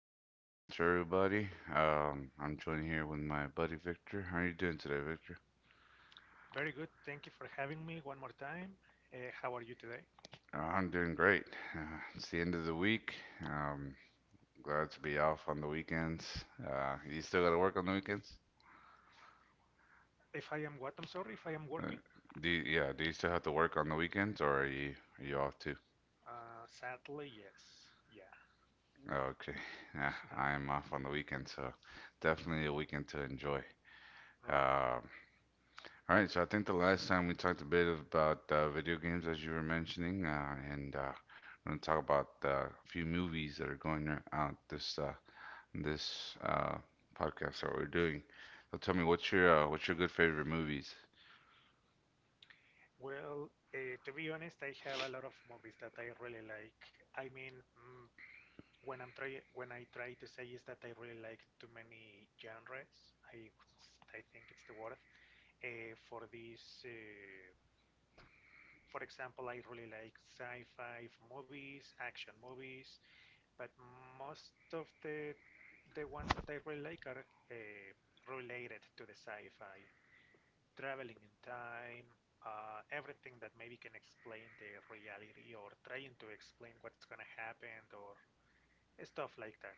podcast. Good morning to everybody. I'm joined here with my buddy Victor. How are you doing today, Victor? Very good. Thank you for having me one more time. How are you today? I'm doing great. It's the end of the week. Um, Glad to be off on the weekends. You still got to work on the weekends? If I am what? I'm sorry, if I am Uh, working? Yeah, do you still have to work on the weekends, or are you off too? Sadly, yes. Yeah. Okay, yeah, I am off on the weekend, so definitely a weekend to enjoy. Right. Um, All right, so I think the last time we talked a bit about video games, as you were mentioning, and we're gonna talk about a few movies that are going out this podcast that we're doing. So tell me, what's your good favorite movies? Well, to be honest, I have a lot of movies that I really like. I mean, when I try to say is that I really like too many genres. I I think it's the word. For this, for example, I really like sci-fi movies, action movies, but most of the ones that I really like are uh, related to the sci-fi, traveling in time, everything that maybe can explain the reality or trying to explain what's gonna happen or stuff like that.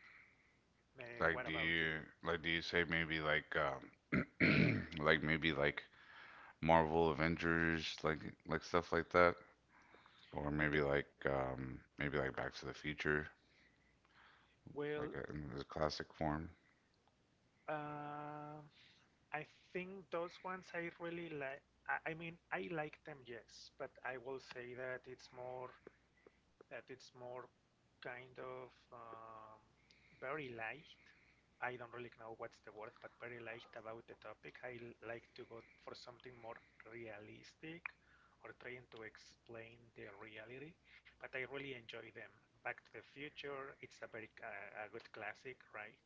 Uh, Like, what do about you? you like do you say maybe like like Marvel Avengers, like stuff like that, or Not the, maybe like maybe like Back to the Future, like well. In the classic form? Uh, I think those ones I really like. I mean, I like them, yes, but I will say that it's more kind of very light. I don't really know what's the word, but very light about the topic. I like to go for something more realistic or trying to explain the reality, but I really enjoy them. Back to the Future, it's a very a good classic, right?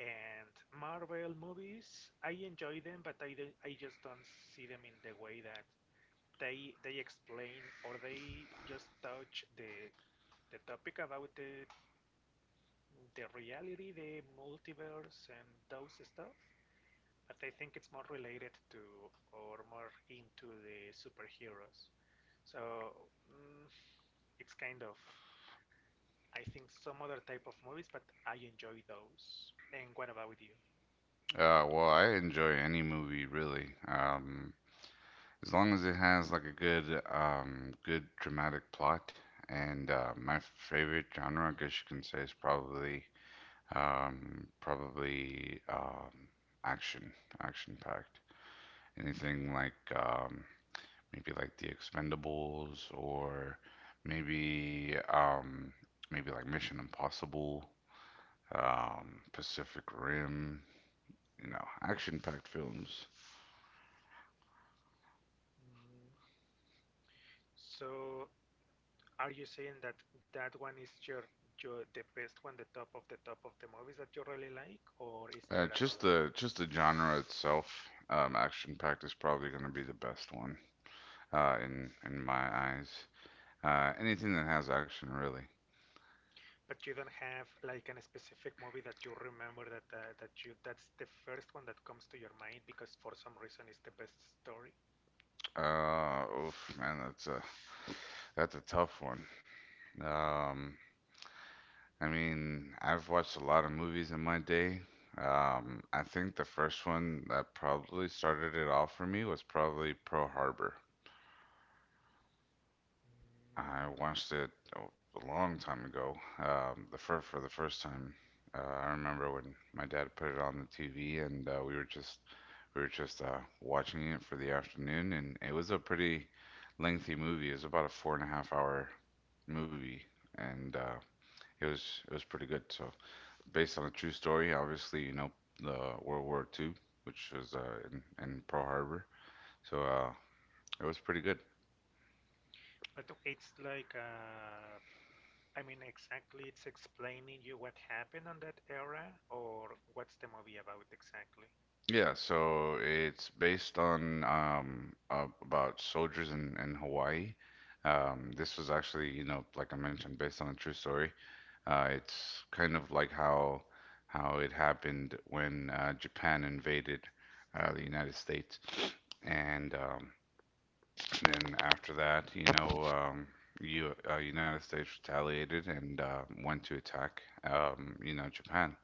And Marvel movies, I enjoy them, but I just don't see them in the way that they explain or they just touch the topic about the reality, the multiverse, and those stuff. But I think it's more related to or more into the superheroes. So mm, it's kind of I think some other type of movies, but I enjoy those. And what about you? Well, I enjoy any movie really, as long as it has like a good, good dramatic plot. And Mhm. My favorite genre, I guess you can say, is probably action, action-packed. Anything like maybe like The Expendables, or maybe um, maybe like Mission Impossible, Pacific Rim. You know, action-packed films. Mm, So are you saying that that one is your the best one, the top of the top of the movies that you really like, or is there Uh, just another one? the just the genre itself, action packed is probably going to be the best one in my eyes. Anything that has action, really. But you don't have like an specific movie that you remember that that you that's the first one that comes to your mind because for some reason it's the best story. Oof, man, that's a tough one. Mhm. Um, I mean, I've watched a lot of movies in my day. I think the first one that probably started it off for me was probably Pearl Harbor. I watched it a a long time ago. The fir for the first time, I remember when my dad put it on the TV, and we were just watching it for the afternoon, and it was a pretty lengthy movie. It was about a four and a half hour movie, and it was pretty good. So based on a true story, obviously, you know, the World War II, which was in Pearl Harbor. So it was pretty good. But it's like, I mean exactly it's explaining you what happened on that era or what's the movie about exactly? Yeah, so it's based on about soldiers in Hawaii. This was actually, you know, like I mentioned, based on a true story. It's kind of like how it happened when Japan invaded the United States, and and then after that, you know, you United States retaliated and went to attack, you know, Japan.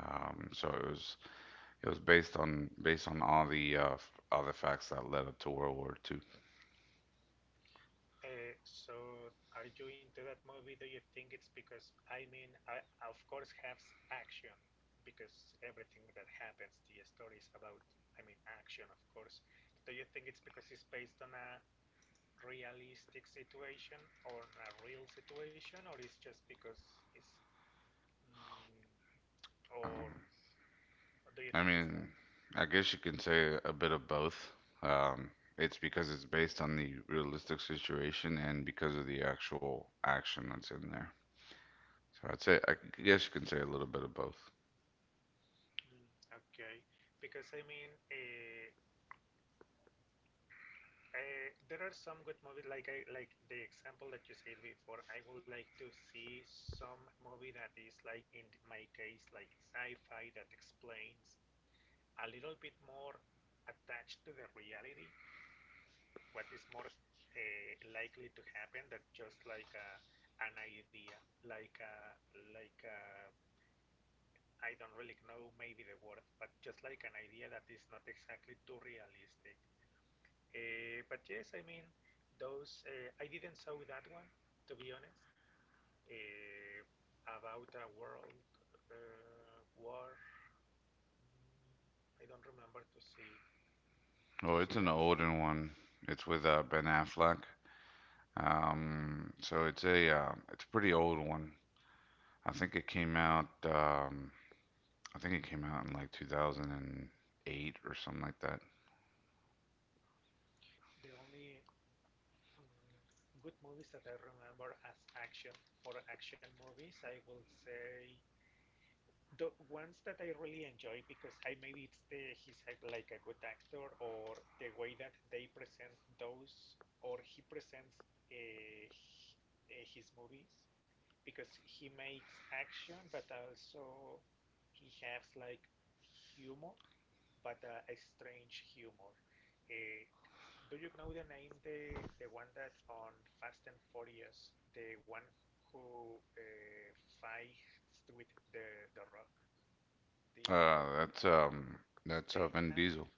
So it was based on based on all the all the facts that led up to World War Two. So, are you into that movie? Do you think it's because I mean, I of course has action because everything that happens, the story is about, I mean, action, of course. Do you think it's because it's based on a realistic situation or a real situation, or it's just because it's, mm, or Um, do you I think it's that? mean, I guess you can say a bit of both. Um, it's because it's based on the realistic situation and because of the actual action that's in there. So I'd say I guess you can say a little bit of both. Mm, okay, because I mean, there are some good movies, like I like the example that you said before. I would like to see some movie that is like in my case, like sci-fi that explains a little bit more attached to the reality, what is more likely to happen. That just an idea, like a, I don't really know maybe the word, but just like an idea that is not exactly too realistic. But yes, I mean, those I didn't saw that one to be honest. Uh, about a world war, I don't remember to see to Oh, it's see an a movie. older one. It's with Ben Affleck. So it's a pretty old one. I think it came out. Um, I think it came out in like 2008 or something like that. The only mm, good movies that I remember as action for action movies, I will say the ones that I really enjoy because I maybe it's the he's a, like a good actor or the way that they present those or he presents uh, his movies because he makes action but also he has like humor but a strange humor. Uh, do you know the name the one that on Fast and Furious the one who fights with the Rock? The actor Uh, that's um, that's Vin Statham. Diesel.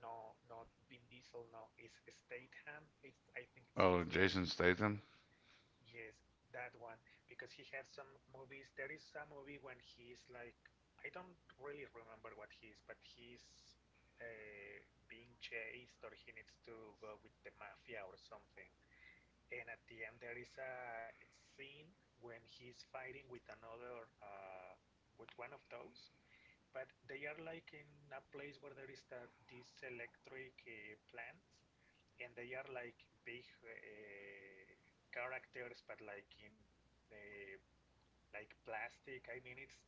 No, not Vin Diesel. No, it's Statham. It's I think it's Oh, his Jason last Statham. name. Yes, that one because he has some movies. There is a movie when he's like I don't really remember what he is, but he's uh, being chased or he needs to go with the mafia or something. And at the end, there is a scene when he's fighting with another with one of those but they are like in a place where there is that these electric plants, and they are like big characters, but like in uh, like plastic. I mean, it's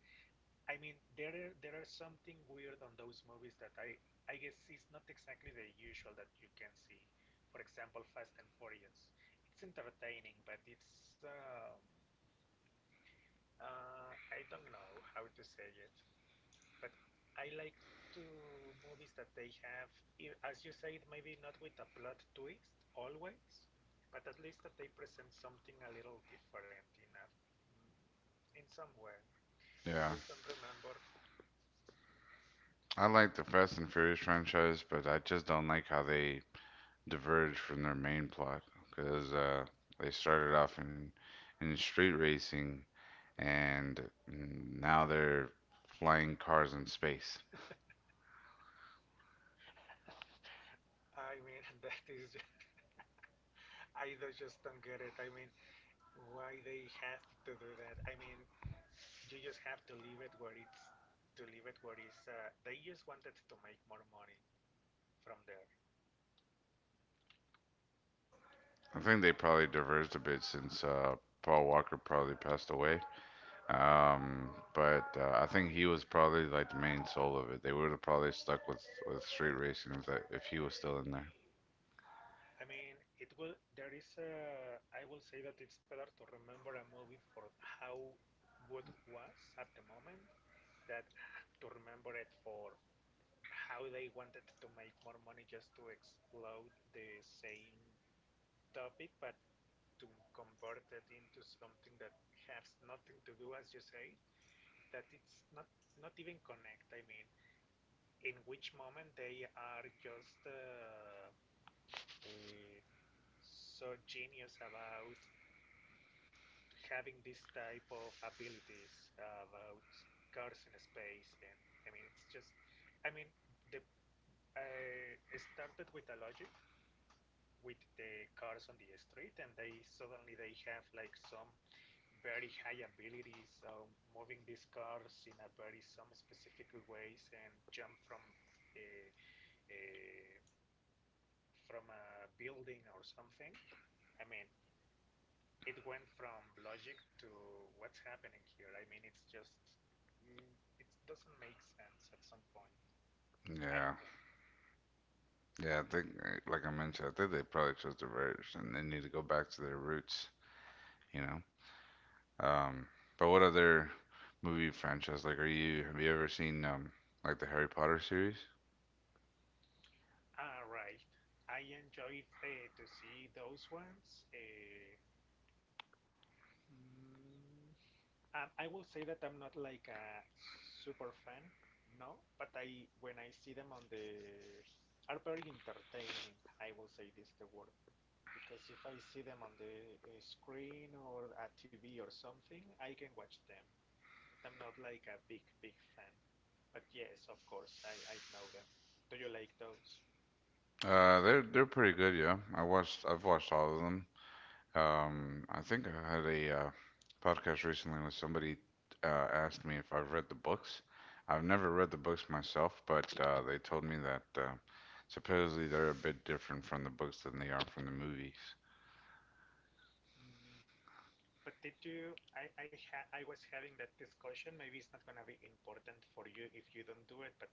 I mean there are something weird on those movies that I guess is not exactly the usual that you can see. For example, Fast and Furious. It's entertaining, but it's I don't know how to say it. But I like to movies that they have, as you said, maybe not with a plot twist always, but at least that they present something a little different in mm, in some way. I Yeah, just don't remember. I like the Fast and Furious franchise, but I just don't like how they diverge from their main plot because they started off in street racing and now they're flying cars in space. I mean, that is, I just don't get it. I mean, why they have to do that? I mean, you just have to leave it where it's, to leave it where it's, they just wanted to make more money from there. I think they probably diverged a bit since Paul Walker probably passed away. But I think he was probably like the main soul of it. They would have probably stuck with street racing if that if he was still in there. I mean, it will. There is a. I will say that it's better to remember a movie for how good it was at the moment, that to remember it for how they wanted to make more money just to explode the same topic, but to convert it into something that has nothing to do, as you say, that it's not not even connect. I mean, in which moment they are just uh, so genius about having this type of abilities about cars in space, and I mean, it's just, I mean, the it started with a logic with the cars on the street, and they suddenly they have like some very high abilities moving these cars in a very some specific ways and jump from a, a from a building or something. I mean, it went from logic to what's happening here. I mean, it's just mm, it doesn't make sense at some point. I Yeah, think. yeah. I think, like I mentioned, I think they probably chose the verge and they need to go back to their roots. You know. Um, but what other movie franchise are you? Have you ever seen like the Harry Potter series? Ah, right. I enjoyed to see those ones. Mm, I will say that I'm not like a super fan, no, but I when I see them on the are very entertaining. I will say this the word because if I see them on the screen or a TV or something, I can watch them. But I'm not like a big, big fan. But yes, of course, I know them. Do you like those? They're pretty good. Yeah, I've watched all of them. I think I had a podcast recently where somebody uh, asked me if I've read the books. I've never read the books myself, but they told me that supposedly they're a bit different from the books than they are from the movies. Mm, But did you? I was having that discussion. Maybe it's not gonna be important for you if you don't do it. But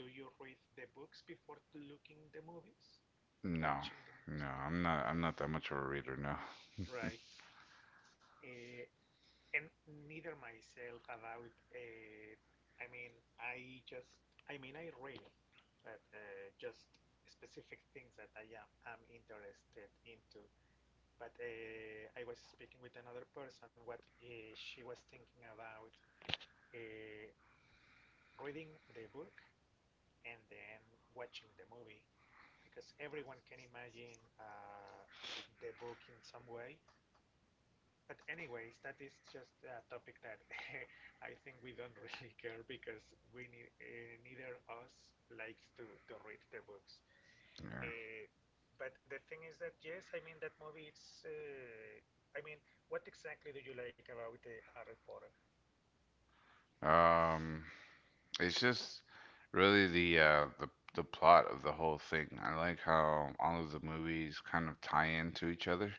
do you read the books before looking the movies? No, Watching the movies? no, No. I'm not. I'm not that much of a reader. No, Right. Uh, and neither myself about. I mean, I just. I mean, I read, but just specific things that I am interested into. But I was speaking with another person what she was thinking about uh, reading the book and then watching the movie because everyone can imagine the book in some way. But anyways, that is just a topic that I think we don't really care because we need, neither us likes to read the books. Uh, but the thing is that yes, I mean that movie. It's I mean, what exactly do you like about Harry Potter? yeah. It's just really the plot of the whole thing. I like how all of the movies kind of tie into each other.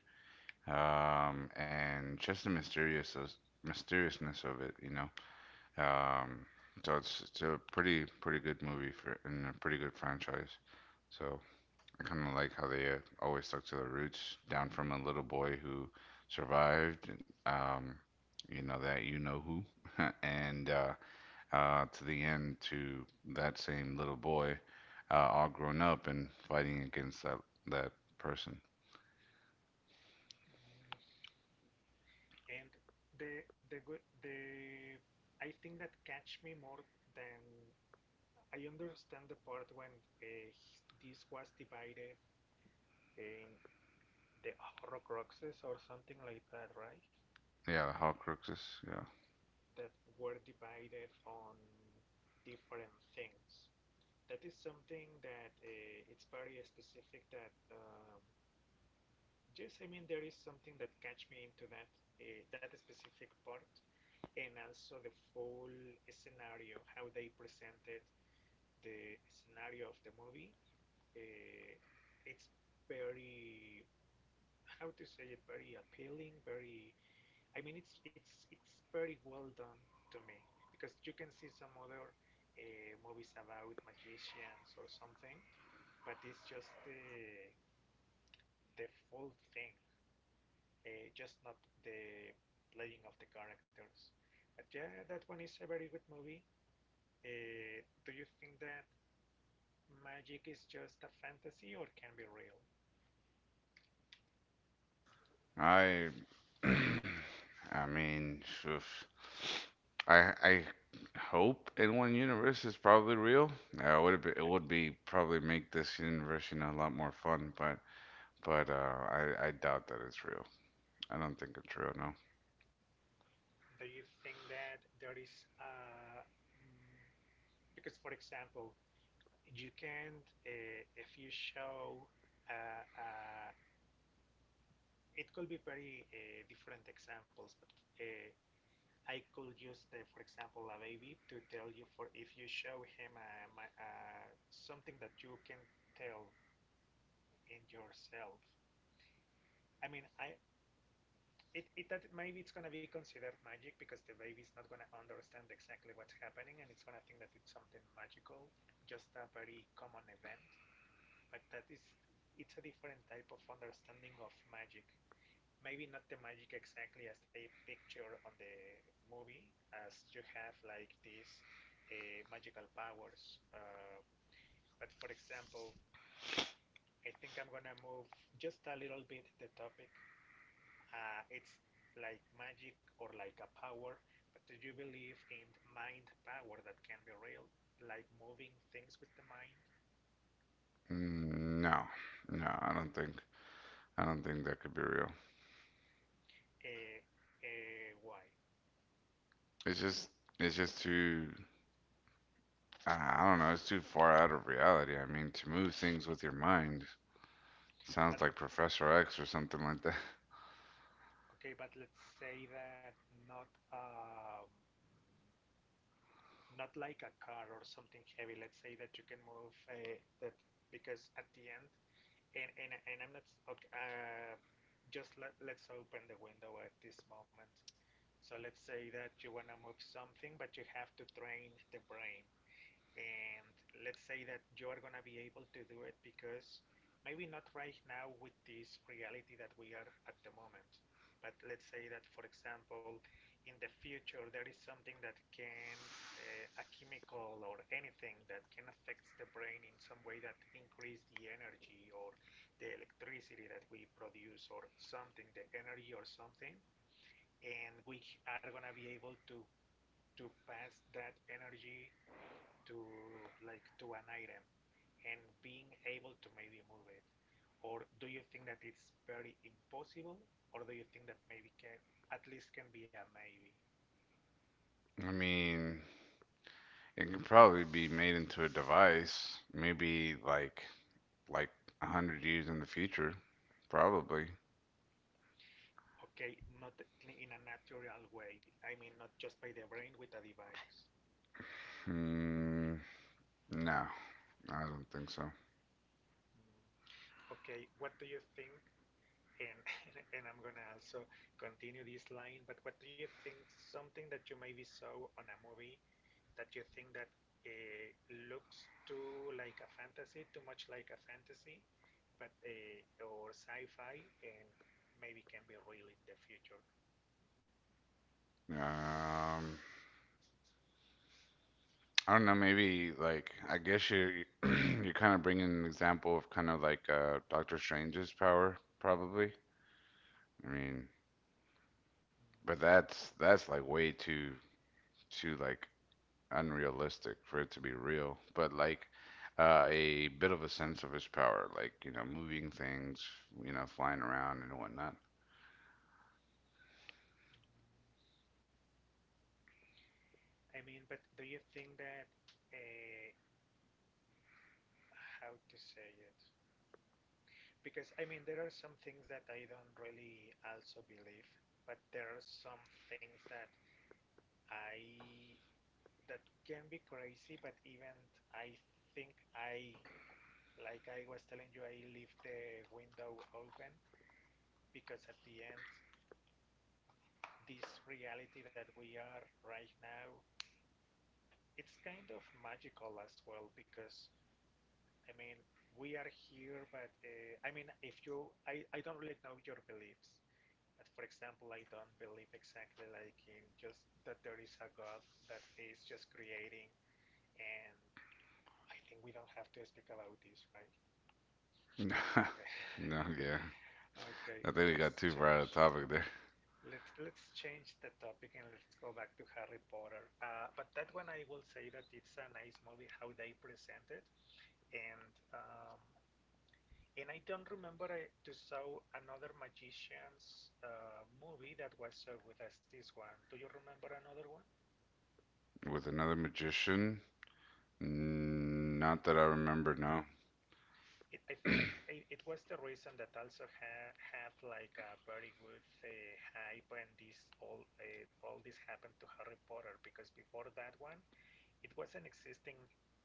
And just the mysteriousness of it, you know. Um, so it's a pretty good movie for and a pretty good franchise. So I kind of like how they always stuck to their roots, down from a little boy who survived, um, you know that you know who, and Mhm. to the end to that same little boy, all grown up and fighting against that person. Mm, And the the good the I think that catch me more than I understand the part when uh, this was divided in the Horcruxes or something like that, right? Yeah, the Horcruxes. Yeah. That were divided on different things. That is something that it's very specific that just I mean there is something that catch me into that that specific part and also the full scenario how they presented the scenario of the movie uh, it's very how to say it very appealing very I mean it's very well done to me because you can see some other movies about magicians or something but it's just the full thing, just not the playing of the characters. But yeah, that one is a very good movie. Do you think that magic is just a fantasy or can be real? I, I mean, phew. I hope in one universe is probably real. It Okay. would be probably make this universe, you know, a lot more fun. But I doubt that it's real. I don't think it's real. No. Do you think that there is a mm, because, for example, you can if you show uh, uh, it could be very different examples, but uh, I could use, the, for example, a baby to tell you for if you show him a, something that you can tell in yourself. I mean, I it, it that maybe it's gonna be considered magic because the baby's not gonna understand exactly what's happening and it's gonna think that it's something magical, just a very common event. But that is, it's a different type of understanding of magic maybe not the magic exactly as they picture on the movie, as you have like these magical powers. But for example, I think I'm gonna move just a little bit the topic. It's like magic or like a power, but do you believe in mind power that can be real, like moving things with the mind? No, no, I don't think that could be real. Uh, why? It's just too I don't know. It's too far out of reality. I mean, to move things with your mind sounds But like Professor X or something like Okay, but let's say that not um, not like a car or something heavy. Let's say that you can move that because at the end, and I'm not okay. Just let's open the window at this moment. So let's say that you want to move something, but you have to train the brain and let's say that you are gonna be able to do it because maybe not right now with this reality that we are at the moment, but let's say that, for example, in the future there is something that can a chemical or anything that can affect the brain in some way that increase the energy or the electricity that we produce or something the energy or something and we are gonna be able to pass that energy to like to an item and being able to maybe move it? Or do you think that it's very impossible? Or do you think that maybe can at least can be a maybe? I mean, it can probably be made into a device, maybe like a hundred years in the future, probably. Okay, not in a natural way. I mean, not just by the brain with a device. Hmm, no, I don't think so. Mm. Okay, what do you think? And and I'm gonna also continue this line. But what do you think? Something that you maybe saw on a movie that you think that it looks too like a fantasy, too much like a fantasy, but or sci-fi, and maybe can be real in the future. Um, I don't know. Maybe like I guess you you're kind of bringing an example of kind of like Doctor Strange's power, probably. I mean, but that's like way too like unrealistic for it to be real, but like a bit of a sense of his power, like, you know, moving things, you know, flying around and whatnot. I mean, but do you think that uh, how to say it? Because I mean, there are some things that I don't really also believe, but there are some things I that can be crazy, but even I think I like I was telling you, I leave the window open because at the end, this reality that we are right now, it's kind of magical as well because, I mean, we are here, but I mean, if you, I don't really know your beliefs. But for example, I don't believe exactly like in just that there is a God that is just creating, and I think we don't have to speak about this, right? Okay. No, yeah. Okay, I think we let's got too far out of change. topic there. Let's change the topic and let's go back to Harry Potter. But that one I will say that it's a nice movie how they present it, and um, and I don't remember to saw another magician's movie that was so good as this one. Do you remember another one? With another magician? Mm, not that I remember, no. I think it was the reason that also had like a very good hype and this all this happened to Harry Potter because before that one it wasn't existing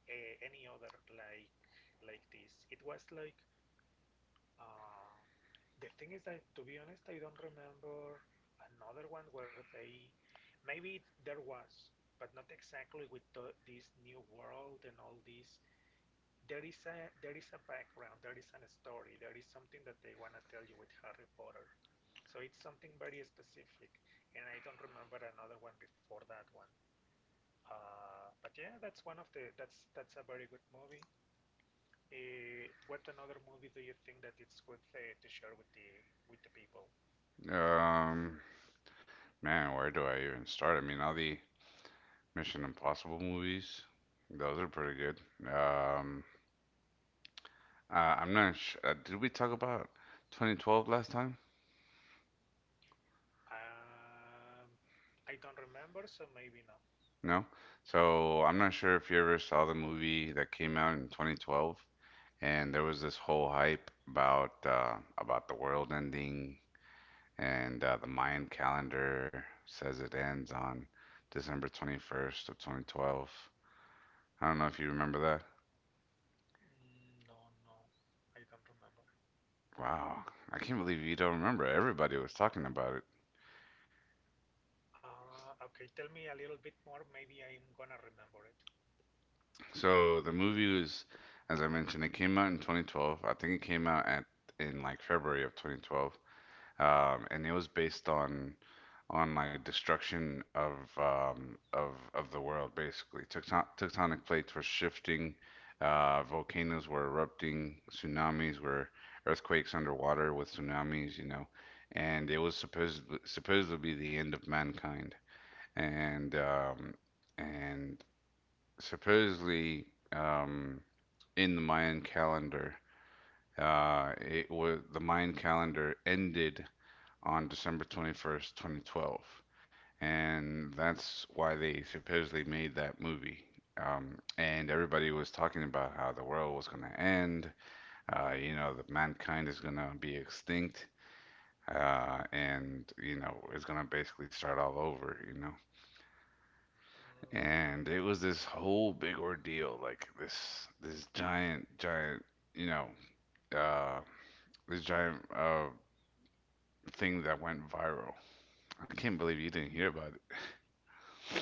any other like this. It was like uh, the thing is that to be honest, I don't remember another one where they maybe there was, but not exactly with this new world and all this. There is a background, there is a story, there is something that they wanna tell you with Harry Potter. So it's something very specific, and I don't remember another one before that one. But yeah, that's one of the that's a very good movie. What another movie do you think that it's good to share with the people? Um, man, where do I even start? I mean, all the Mission Impossible movies, those are pretty good. Um, I'm not sure. Did we talk about 2012 last time? Um, I don't remember, so maybe no. No? So I'm not sure if you ever saw the movie that came out in 2012, and there was this whole hype about the world ending, and the Mayan calendar says it ends on December 21st of 2012. I don't know if you remember that. Mm, no, no, I don't remember. Wow, I can't believe you don't remember. Everybody was talking about it. Okay, tell me a little bit more. Maybe I'm gonna remember it. So the movie was, as I mentioned, it came out in 2012. I think it came out at in like February of 2012. And it was based on like destruction of um, of of the world basically. Tectonic plates were shifting, volcanoes were erupting, tsunamis were earthquakes underwater with tsunamis, you know, and it was supposedly the end of mankind, and Mhm. um, and supposedly um, in the Mayan calendar, it was the Mayan calendar ended on December 21st, 2012. And that's why they supposedly made that movie. And everybody was talking about how the world was going to end, you know, that mankind is going to be extinct. And you know it's gonna basically start all over, you know. Mm, And it was this whole big ordeal, like this giant, you know, uh, this giant thing that went viral. I can't believe you didn't hear about it.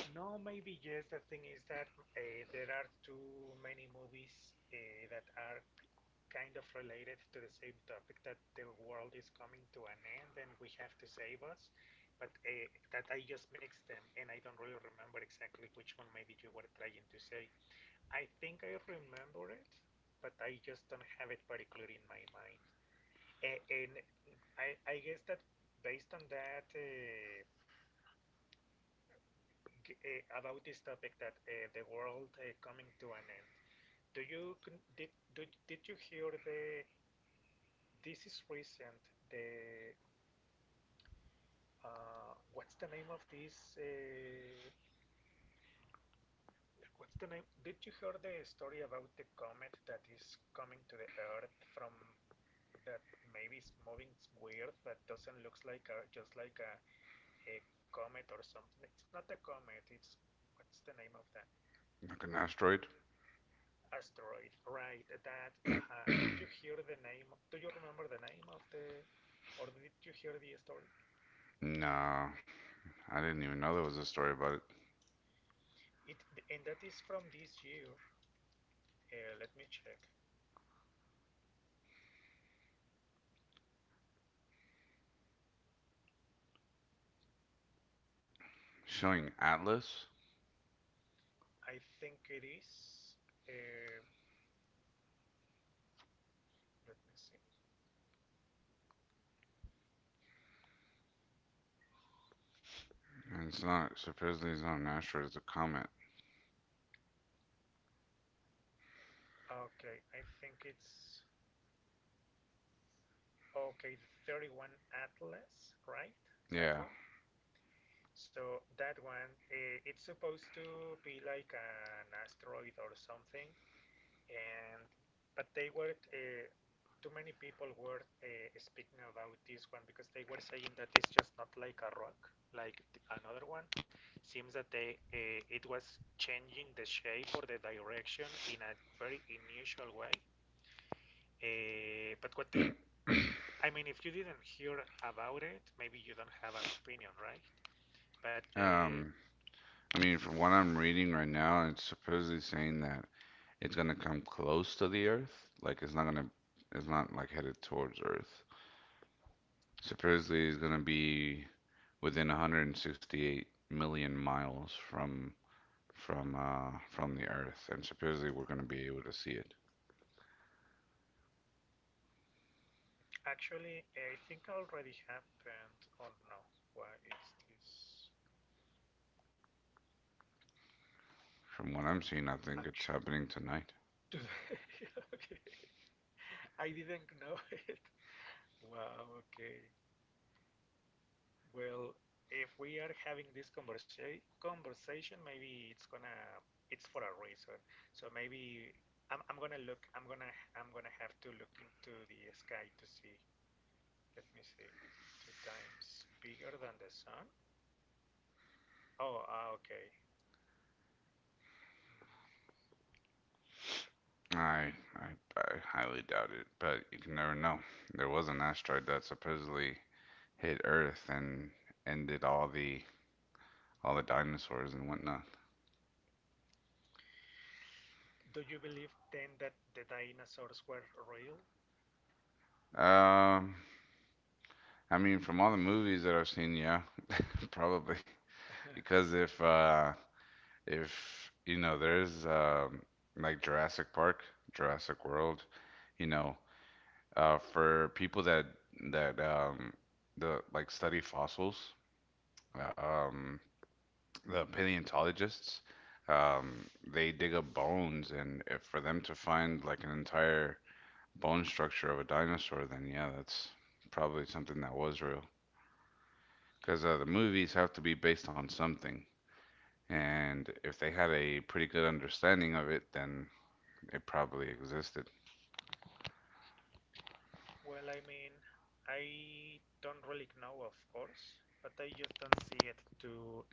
no, maybe yes. The thing is that there are too many movies that are kind of related to the same topic that the world is coming to an end and we have to save us, but that I just mixed them and I don't really remember exactly which one maybe you were trying to say. I think I remember it, but I just don't have it very clear in my mind. And I guess that based on that, about this topic that the world coming to an end, do you con- did, did you hear the this is recent the what's the name of this? Like, what's the name? Did you hear the story about the comet that is coming to the Earth from that maybe it's moving weird that doesn't looks like a just like a comet or something. It's not a comet. It's what's the name of that? Like an asteroid. Asteroid, right? That. Uh-huh. Did you hear the name? Do you remember the name of the, or did you hear the story? No, I didn't even know there was a story about it. It and that is from this year. Let me check. Showing Atlas? I think it is. Uh, Let me see. And it's not, supposedly it's not an asteroid, it's a comet. Okay, I think it's okay. 31 Atlas, right? That Yeah. one. So that one, it's supposed to be like an asteroid or something, and but they were too many people were speaking about this one because they were saying that it's just not like a rock like another one seems that they it was changing the shape or the direction in a very unusual way but what do you I mean if you didn't hear about it maybe you don't have an opinion right but Um, I mean, from what I'm reading right now, it's supposedly saying that it's gonna come close to the Earth. Like, it's not like headed towards Earth. Supposedly it's gonna be within 168 million miles from from the Earth, and supposedly we're gonna be able to see it. Actually, I think already happened. Oh no, why it's this From what I'm seeing, I think it's action? happening tonight. To okay. I didn't know it. Wow, okay. Well, if we are having this conversation, maybe it's for a reason. So maybe I'm gonna have to look into the sky to see. Let me see. Two times bigger than the sun? Oh, ah, okay. Mm. I, I I highly doubt it, but you can never know. There was an asteroid that supposedly hit Earth and ended all the dinosaurs and whatnot. Do you believe then that the dinosaurs were real? Um, I mean, from all the movies that I've seen, yeah, probably because if you know, there's like Jurassic Park, Jurassic World, you know, for people that that the like study fossils, Mhm. um the paleontologists, um, they dig up bones, and if for them to find like an entire bone structure of a dinosaur, then yeah, that's probably something that was real. Because the movies have to be based on something, and if they had a pretty good understanding of it, then it probably existed. Well, I mean, I don't really know, of course, but I just don't see it to.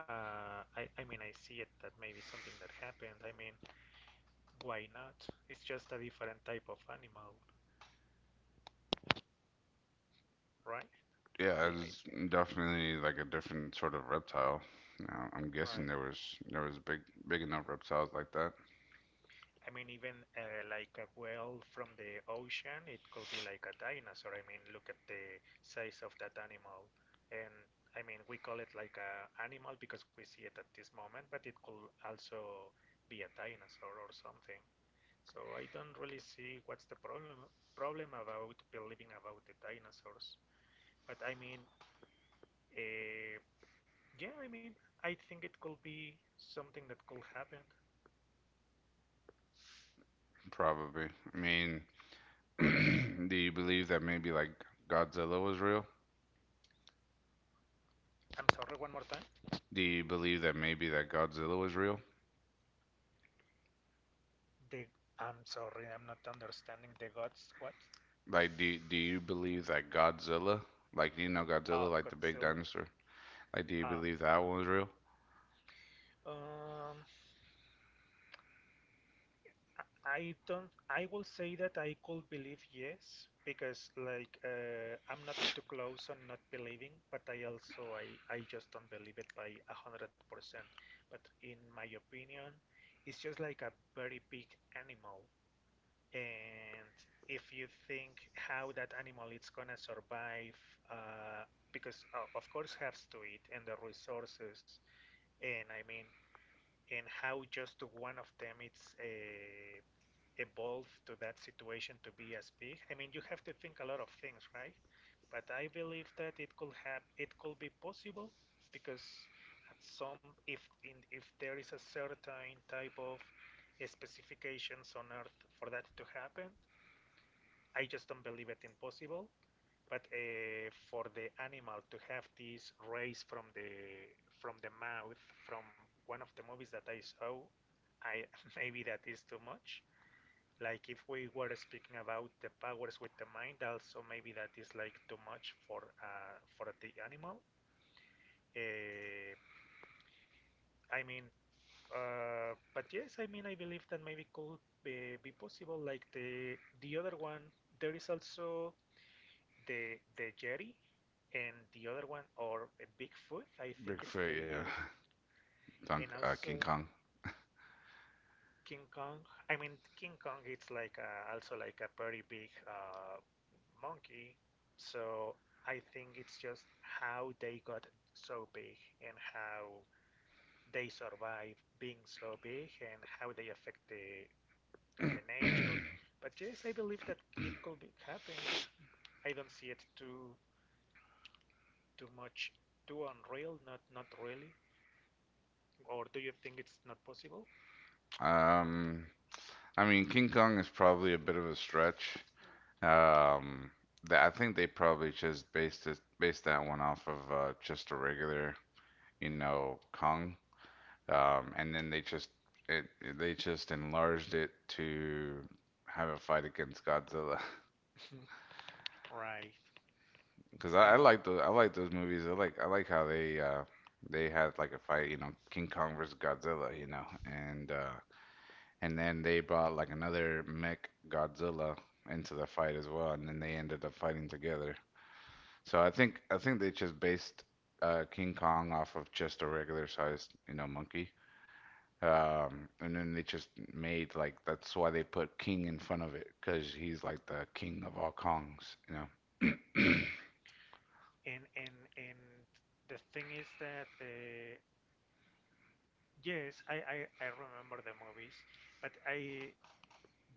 I mean, I see it that maybe something that happened. I mean, why not? It's just a different type of animal, right? Yeah, I it's think, definitely like a different sort of reptile. Now, I'm guessing right. there was big enough reptiles like that, I mean, even like a whale from the ocean, it could be like a dinosaur. I mean, look at the size of that animal. And I mean, we call it like a animal because we see it at this moment, but it could also be a dinosaur or something. So I don't really see what's the problem about believing about the dinosaurs. But I mean, uh, yeah, I mean, I think it could be something that could happen. probably. I mean, do you believe that maybe like Godzilla was real? I'm sorry, one more time. Do you believe that maybe that Godzilla was real? The I'm sorry, I'm not understanding the gods. What? Like, do you believe that Godzilla, like you know Godzilla, like the big Godzilla. dinosaur, like do you Uh, believe that one was real? um, I don't. I will say that I could believe yes because like I'm not too close on not believing, but I also I just don't believe it by 100%. But in my opinion, it's just like a very big animal. And if you think how that animal is gonna survive uh, because of course has to eat and the resources and I mean and how just one of them it's evolved to that situation to be as big I mean you have to think a lot of things right but I believe that it could be possible because at some if there is a certain type of specifications on earth for that to happen I just don't believe it impossible. But for the animal to have this race from the mouth from one of the movies that I saw, I maybe that is too much. Like if we were speaking about the powers with the mind, also maybe that is like too much for the animal. Uh, I mean, but yes, I mean I believe that maybe could be possible. Like the other one, there is also the Yeti and the other one or Bigfoot, I think it's Bigfoot, the yeah, other one, and Dunk, King also Kong. King Kong. I mean King Kong, it's like also like a very big monkey, so I think it's just how they got so big and how they survive being so big and how they affect the nature. But yes, I believe that it could be happened. I don't see it too much too unreal, not really. Or do you think it's not possible? Um, I mean King Kong is probably a bit of a stretch. Um, I think they probably just based that one off of just a regular, you know, Kong. And then they just it they just enlarged it to have a fight against Godzilla. Right. Because Uh, I like those movies. I like how they had like a fight, you know, King Kong versus Godzilla, you know, and and then they brought like another mech Godzilla into the fight as well, and then they ended up fighting together. So I think they just based King Kong off of just a regular sized, you know, monkey. And then they just made like that's why they put king in front of it because he's like the king of all Kongs, you know. and the thing is that yes, I remember the movies, but I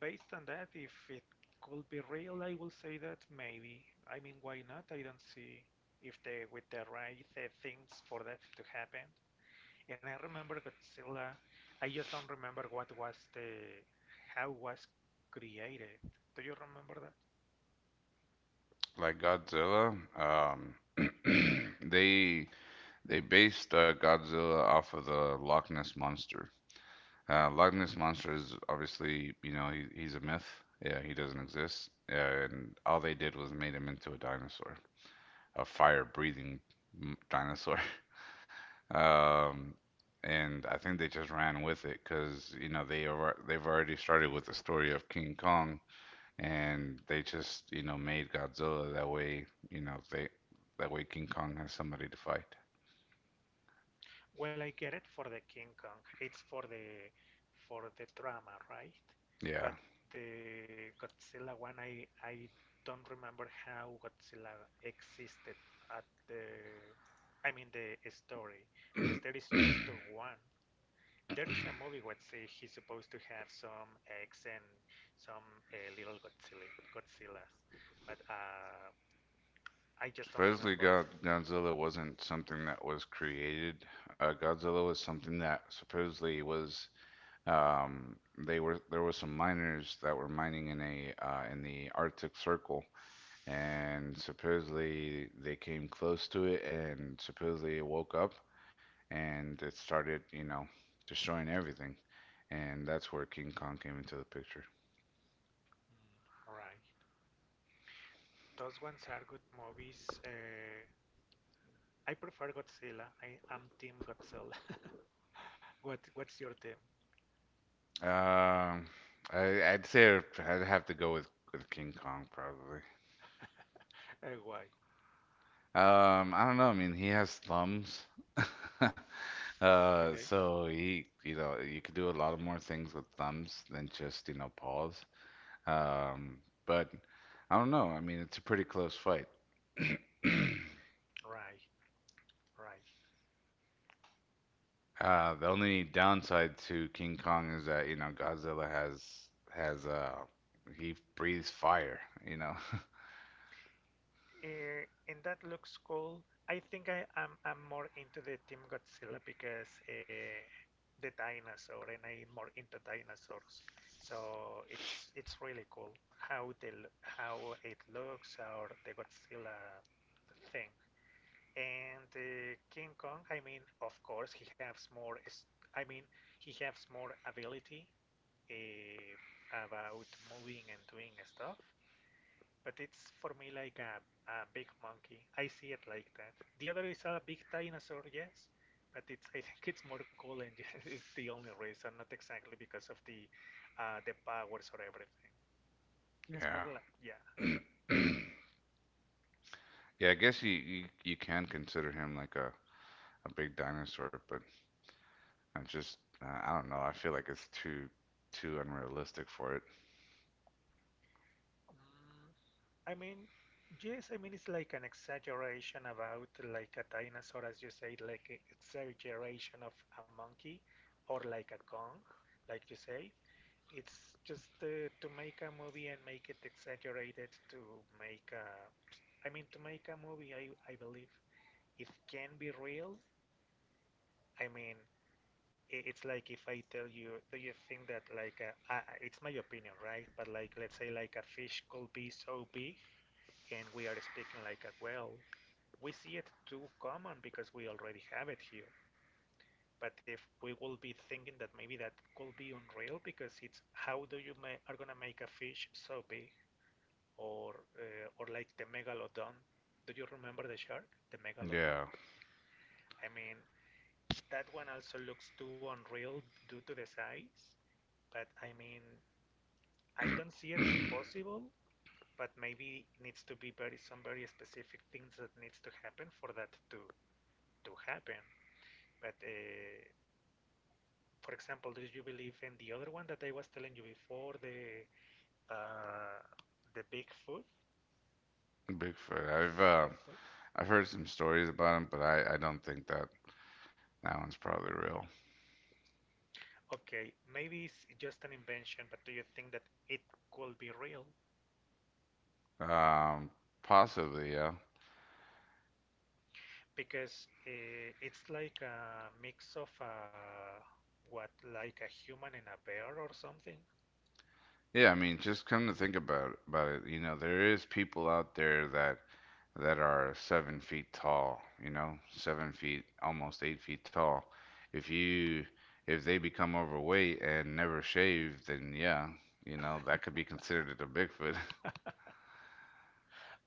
based on that, if it could be real, I will say that maybe. I mean, why not? I don't see if they with the right things for that to happen. And I remember Godzilla. I just don't remember what was the how was created. Do you remember Like Godzilla, they they based Godzilla off of the Loch Ness monster. Loch Ness monster is obviously you know he's a myth. Yeah, he doesn't exist. And all they did was made him into a dinosaur, a fire-breathing dinosaur. that? Um, and I think they just ran with it because you know they've already started with the story of King Kong, and they just you know made Godzilla that way. You know they that way King Kong has somebody to fight. Well, I get it for the King Kong. It's for the drama, right? Yeah, But the Godzilla one, I don't remember how Godzilla existed at the. I mean the story, because there is just the one. There is a movie where say he's supposed to have some eggs and some little Godzillas, but I just don't supposedly remember. Godzilla wasn't something that was created. Godzilla was something that supposedly was. Um, they were There were some miners that were mining in a in the Arctic Circle, and supposedly they came close to it, and supposedly it woke up and it started, you know, destroying everything. And that's where King Kong came into the picture. Mm. Right. Those ones are good movies. I prefer Godzilla. I am Team Godzilla. What's your team? Um, I'd say I'd have to go with King Kong probably. Why? I don't know. I mean, he has thumbs, Okay. so he, you know, you could do a lot of more things with thumbs than just, you know, paws. Um, but I don't know. I mean, it's a pretty close fight. Right, right. The only downside to King Kong is that, you know, Godzilla has he breathes fire, you know. And that looks cool. I think I am I'm more into the Team Godzilla because the dinosaur, and I'm more into dinosaurs. So it's really cool how they how it looks, or the Godzilla thing. And King Kong, I mean, of course, he has more. I mean, he has more ability, uh, about moving and doing stuff. But it's for me like a big monkey. I see it like that. The other is a big dinosaur, yes, but it's I think it's more cool, and it's the only reason, not exactly because of the powers or everything. It's more like yeah. Yeah. Yeah, I guess you can consider him like a big dinosaur, but I just I don't know. I feel like it's too too unrealistic for it. Mm, I mean, yes, I mean, it's like an exaggeration about like a dinosaur, as you say, like a exaggeration of a monkey or like a Kong, like you say. It's just to make a movie and make it exaggerated to make I mean, to make a movie, I believe it can be real. I mean, it's like if I tell you, do you think that like it's my opinion, right? But like let's say like a fish could be so big, and we are speaking like a, well, we see it too common because we already have it here. But if we will be thinking that, maybe that could be unreal, because it's how do you are gonna make a fish so big, or or like the megalodon? Do you remember the shark, the megalodon? Yeah. I mean, that one also looks too unreal due to the size. But I mean, I don't see it impossible, but maybe it needs to be very, some very specific things that needs to happen for that to happen. But for example, do you believe in the other one that I was telling you before, uh, the Bigfoot? Bigfoot. Bigfoot? I've heard some stories about him, but I don't think that that one's probably real. Okay, maybe it's just an invention, but do you think that it could be real? Um, Possibly, yeah. Because it's like a mix of what, like a human and a bear or something? Yeah, I mean, just come to think about it, you know, there is people out there that that are 7 feet tall, you know, 7 feet, almost 8 feet tall. If you if they become overweight and never shave, then yeah, you know, that could be considered a Bigfoot.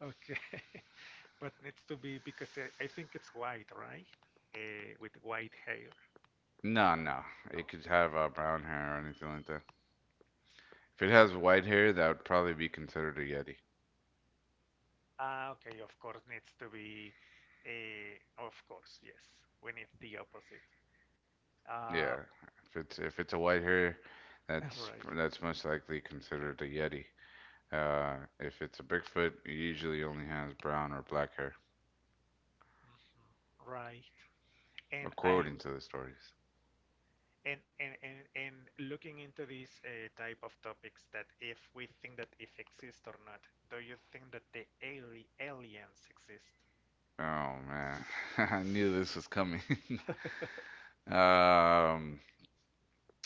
Okay, but needs to be because I think it's white, right? With white hair, No, no, it no? could have brown hair or anything like that. If it Or has white hair, that would probably be considered a Yeti. ah, okay, of course needs to be. Of course, yes. When it's the opposite. Uh, Yeah, if it's a white hair, right, that's most likely considered a Yeti. Uh, if it's a Bigfoot, it usually only has brown or black hair, mhm, right. And according I to the stories. and looking into these type of topics that if we think that if exist or not, do you think that the aliens exist? Oh man, I knew this was coming. Um,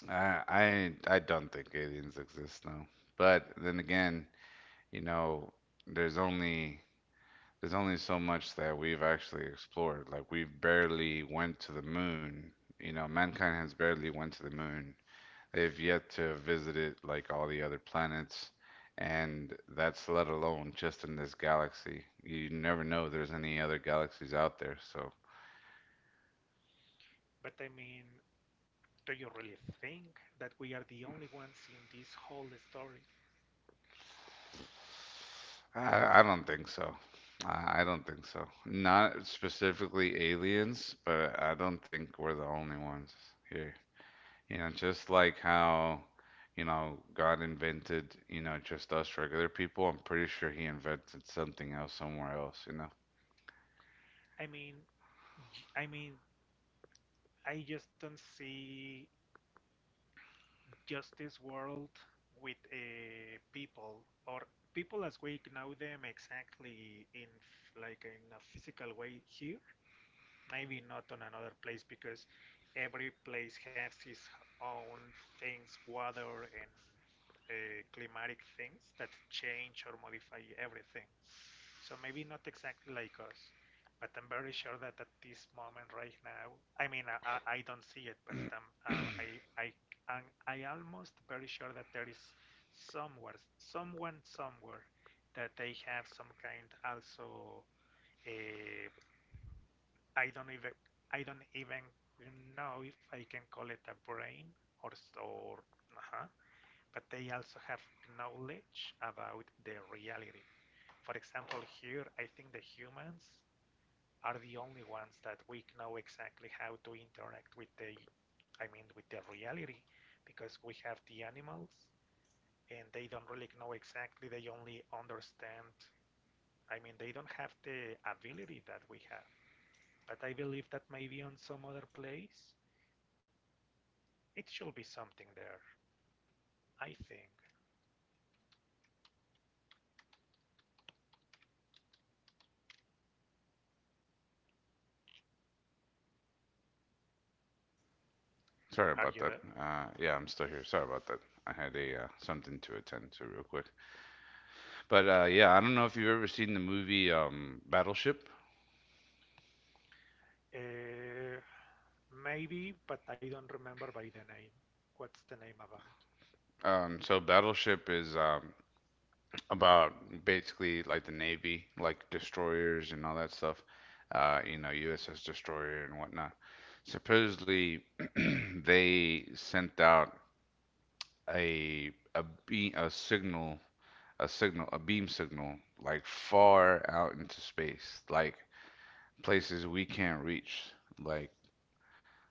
I, I I don't think aliens exist, no. But then again, you know, there's only there's only so much that we've actually explored. Like we've barely went to the moon. You know, mankind has barely went to the moon. They've yet to visited like all the other planets, and that's let alone just in this galaxy. You never know if there's any other galaxies out there, so But I mean, do you really think that we are the only ones in this whole story? I don't think so. I don't think so. Not specifically aliens, but I don't think we're the only ones here. You know, just like how, you know, God invented, you know, just us regular people, I'm pretty sure he invented something else somewhere else, you know. I mean, I mean, I just don't see justice world with people or people as we know them exactly in like in a physical way here. Maybe not on another place, because every place has its own things, weather and uh, climatic things that change or modify everything. So maybe not exactly like us, but I'm very sure that at this moment right now, I mean, I don't see it, but I'm, I, I'm, I almost very sure that there is somewhere, someone somewhere that they have some kind also, eh, I don't even, I don't even know if I can call it a brain, or, uh but they also have knowledge about the reality. For example, here, I think the humans are the only ones that we know exactly how to interact with I mean, with the reality, because we have the animals and they don't really know exactly. They only understand. I mean, they don't have the ability that we have. But I believe that maybe on some other place, it should be something there. I think. Sorry Are you about that. there? Yeah, I'm still here. Sorry about that. I had a something to attend to real quick. But yeah, I don't know if you've ever seen the movie Battleship. Uh, Maybe, but I don't remember by the name. What's the name about? So Battleship is about basically like the Navy, like destroyers and all that stuff. You know, USS Destroyer and whatnot. Supposedly, they sent out a signal, a beam signal, like far out into space, like places we can't reach, like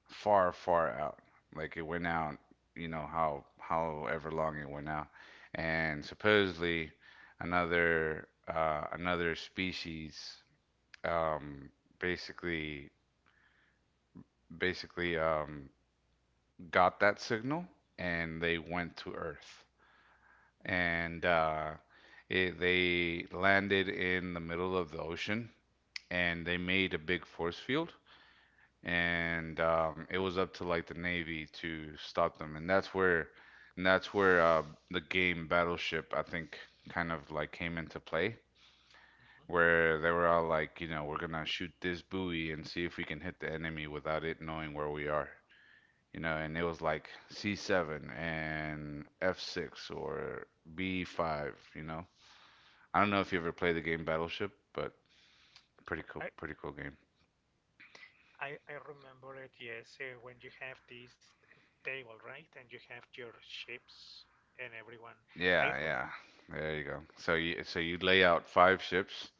far, far out. Like it went out, you know, how however long it went out, and supposedly another species um, basically basically got that signal and they went to Earth and they landed in the middle of the ocean and they made a big force field and it was up to like the Navy to stop them, and that's where the game Battleship I think kind of like came into play, Mhm. where they were all like, you know, we're gonna shoot this buoy and see if we can hit the enemy without it knowing where we are, you know, and it was like C7 and F6 or B5, you know. I don't know if you ever played the game Battleship, but pretty cool, I, pretty cool game. I remember it. Yes, when you have this table, right, and you have your ships and everyone. I Yeah, rem- yeah. There you go. So you lay out five ships,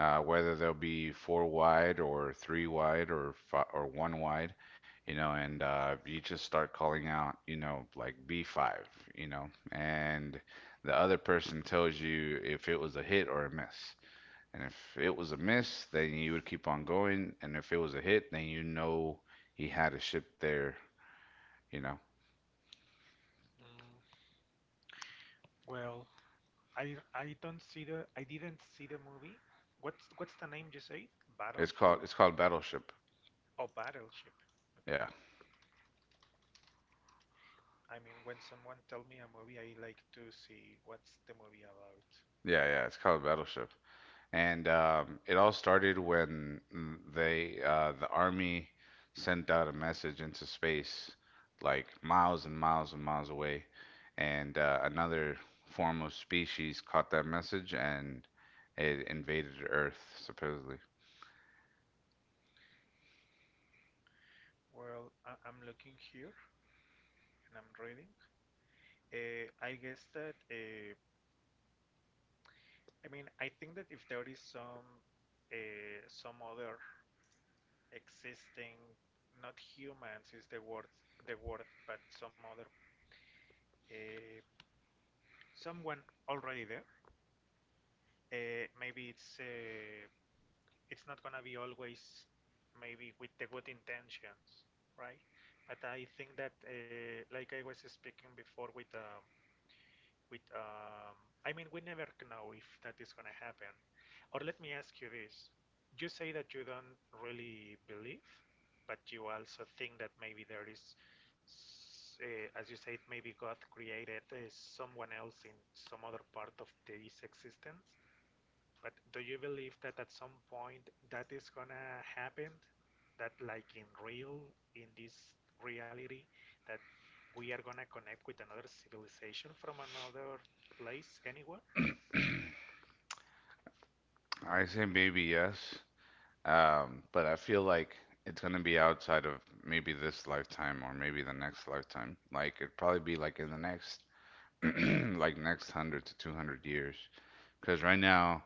whether they'll be four wide or three wide or fi or one wide, you know, and you just start calling out, you know, like B5, you know, and the other person tells you if it was a hit or a miss. And if it was a miss, then you would keep on going, and if it was a hit, then you know he had a ship there, you know. mm, well, I don't see the, I didn't see the movie. What's the name you say? Battlefield It's called Battleship. or Battleship? Okay. Yeah. I mean, when someone tell me a movie, I like to see what's the movie about. Yeah, yeah, it's called Battleship. And it all started when the army sent out a message into space, like miles and miles and miles away. And another form of species caught that message and it invaded Earth, supposedly. Well, I'm looking here, and I'm reading. I guess that I mean, I think that if there is some other existing, not humans is the word, but some other uh, someone already there. Maybe it's not gonna be always maybe with the good intentions, right? But I think that like I was speaking before with with um, I mean, we never know if that is gonna happen. Or let me ask you this. You say that you don't really believe, but you also think that maybe there is, as you said, maybe God created someone else in some other part of this existence. But do you believe that at some point that is gonna happen? That like in real, in this reality, that we are gonna connect with another civilization from another place anywhere? I say maybe yes, but I feel like it's gonna be outside of maybe this lifetime or maybe the next lifetime. Like it'd probably be like in the next, like next 100 to 200 years. Because right now,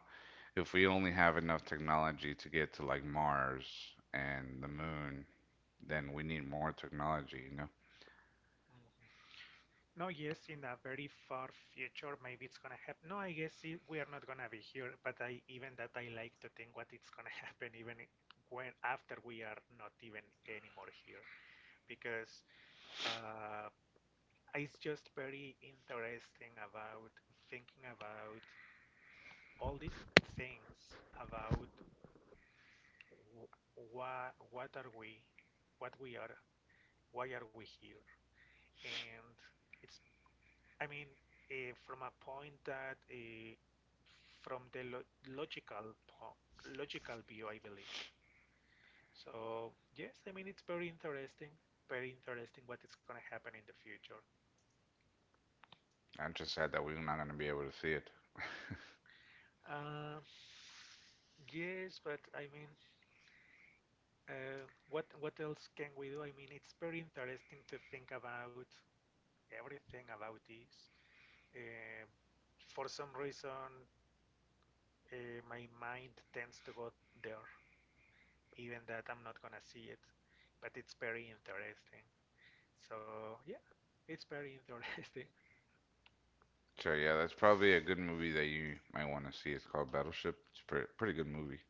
if we only have enough technology to get to like Mars and the moon, then we need more technology, you know? Mm-hmm. No, yes, in a very far future, maybe it's gonna happen. No, I guess it, we are not gonna be here, but I, even that, I like to think what it's gonna happen even when after we are not even anymore here, because uh, it's just very interesting about thinking about all these things about what what are we what we are, why are we here, and it's, I mean, from a point that from the logical logical view I believe. So yes, I mean, it's very interesting, very interesting what is going to happen in the future. I'm just sad that we're not going to be able to see it. uh, yes, but I mean, what else can we do? I mean, it's very interesting to think about everything about this. Uh, for some reason, my mind tends to go there, even that I'm not gonna see it. But it's very interesting. So yeah, it's very interesting. So yeah, that's probably a good movie that you might want to see. It's called Battleship. It's a pretty, pretty good movie.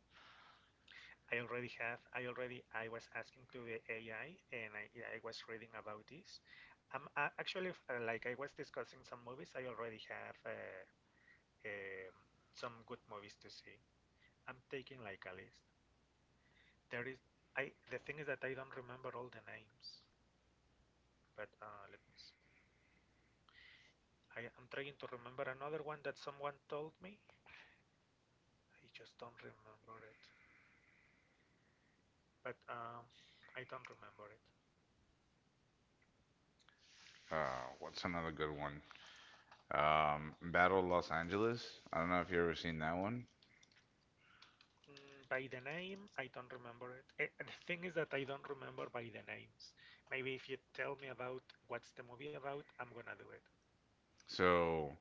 I already have. I already. I was asking to the AI, and yeah, I was reading about this. I'm actually like I was discussing some movies. I already have. Um, some good movies to see. I'm taking like a list. There is, I the thing is that I don't remember all the names, but let me see. I am trying to remember another one that someone told me. I just don't remember it, but I don't remember it. Uh, what's another good one? Battle Los Angeles. I don't know if you've ever seen that one. Mm, by the name, I don't remember it. Eh, the thing is that I don't remember by the names. Maybe if you tell me about what's the movie about, I'm gonna do it. So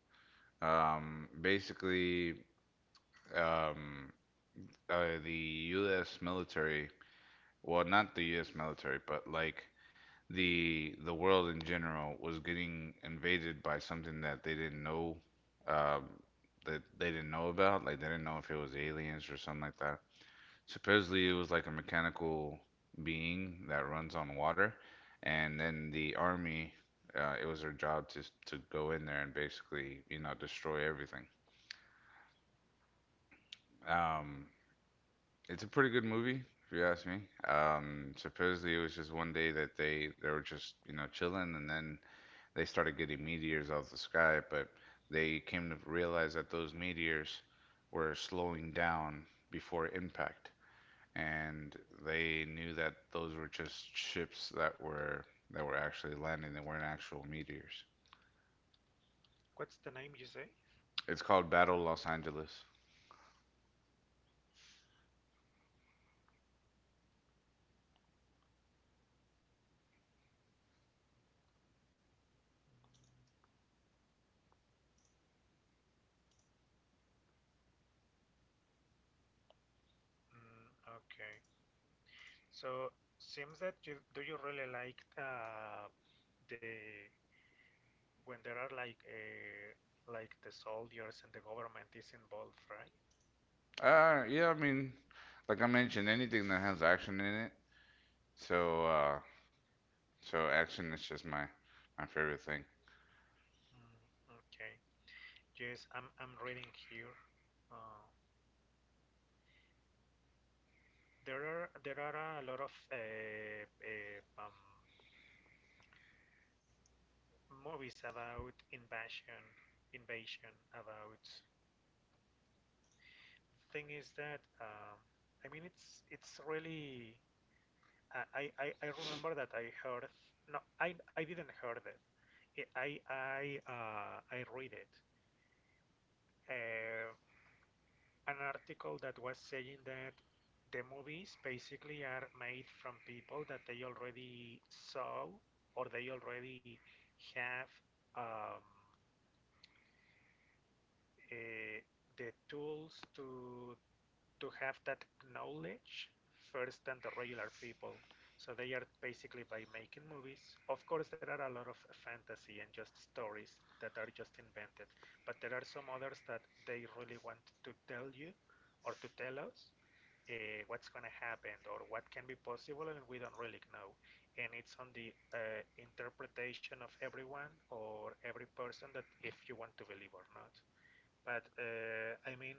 um, basically, um, the U.S. military well, not the U.S. military, but like the world in general was getting invaded by something that they didn't know, um, that they didn't know about. Like they didn't know if it was aliens or something like that. Supposedly, it was like a mechanical being that runs on water, and then the army, it was their job to go in there and basically, you know, destroy everything. Um, Mm-hmm. It's a pretty good movie, if you ask me. Supposedly it was just one day that they were just, you know, chilling and then they started getting meteors out of the sky, but they came to realize that those meteors were slowing down before impact. And they knew that those were just ships that were actually landing, they weren't actual meteors. What's the name you say? It's called Battle Los Angeles. Mm, okay. So, seems that you, do you really like the when there are like the soldiers and the government is involved, right? Yeah, I mean, like I mentioned, anything that has action in it. So, uh, So action is just my favorite thing. Mm, okay. Yes, I'm reading here. Uh, there are a lot of movies about invasion, invasion about. Thing is that I mean, it's really, I remember that I heard, no, I didn't heard it, I read it uh, an article that was saying that the movies basically are made from people that they already saw or they already have um, uh, the tools to have that knowledge first than the regular people. So they are basically, by making movies. Of course, there are a lot of fantasy and just stories that are just invented, but there are some others that they really want to tell you or to tell us what's going to happen or what can be possible, and we don't really know. And it's on the interpretation of everyone or every person, that if you want to believe or not. But I mean,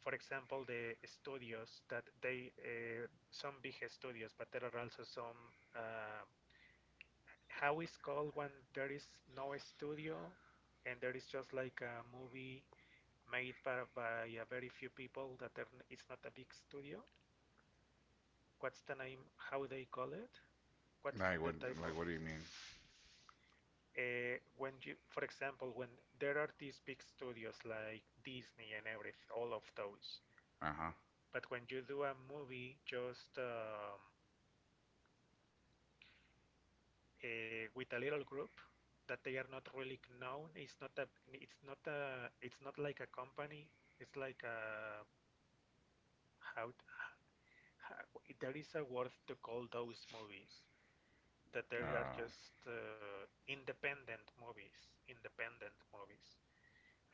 for example, the studios that they some big studios, but there are also some how is called when there is no studio and there is just like a movie made by a very few people that are, it's not a big studio. What's the name? How they call it? What's Like the what? type of Like what do you mean? When you, for example, when there are these big studios like Disney and everything, all of those. Uh-huh. But when you do a movie, just with a little group that they are not really known. It's not a, it's not like a company. It's like a, how, how, there is a word to call those movies that they are Uh, just independent movies. Independent movies.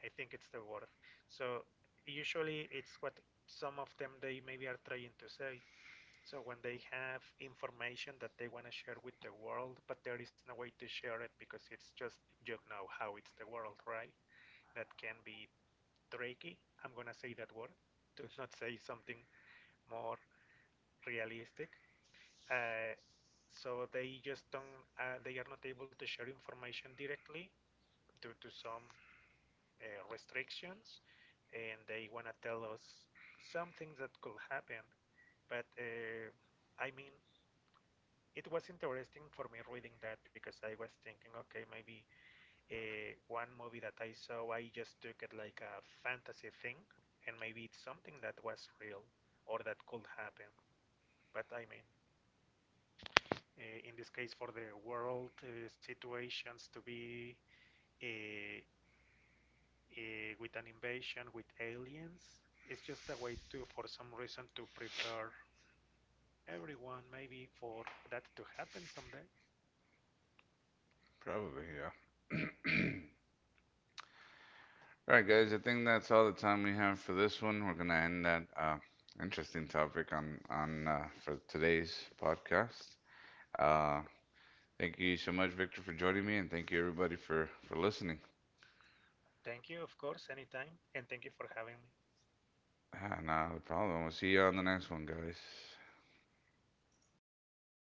I think it's the word. So usually it's what some of them they maybe are trying to say, so when they have information that they want to share with the world, but there is no way to share it, because it's just, you know how it's the world, right? That can be tricky. I'm gonna say that word to not say something more realistic. Uh, so they just don't. They are not able to share information directly due to some restrictions, and they wanna tell us some things that could happen. But I mean, it was interesting for me reading that, because I was thinking, okay, maybe one movie that I saw, I just took it like a fantasy thing, and maybe it's something that was real or that could happen. But I mean, in this case, for the world situations to be uh, with an invasion with aliens, it's just a way to, for some reason, to prepare everyone maybe for that to happen someday. Probably, yeah. All right, guys. I think that's all the time we have for this one. We're gonna end that interesting topic on for today's podcast. Uh, Thank you so much, Victor, for joining me, and thank you everybody for listening. Thank you, of course, anytime, and thank you for having me. Ah, nah, the problem. We'll see you on the next one, guys.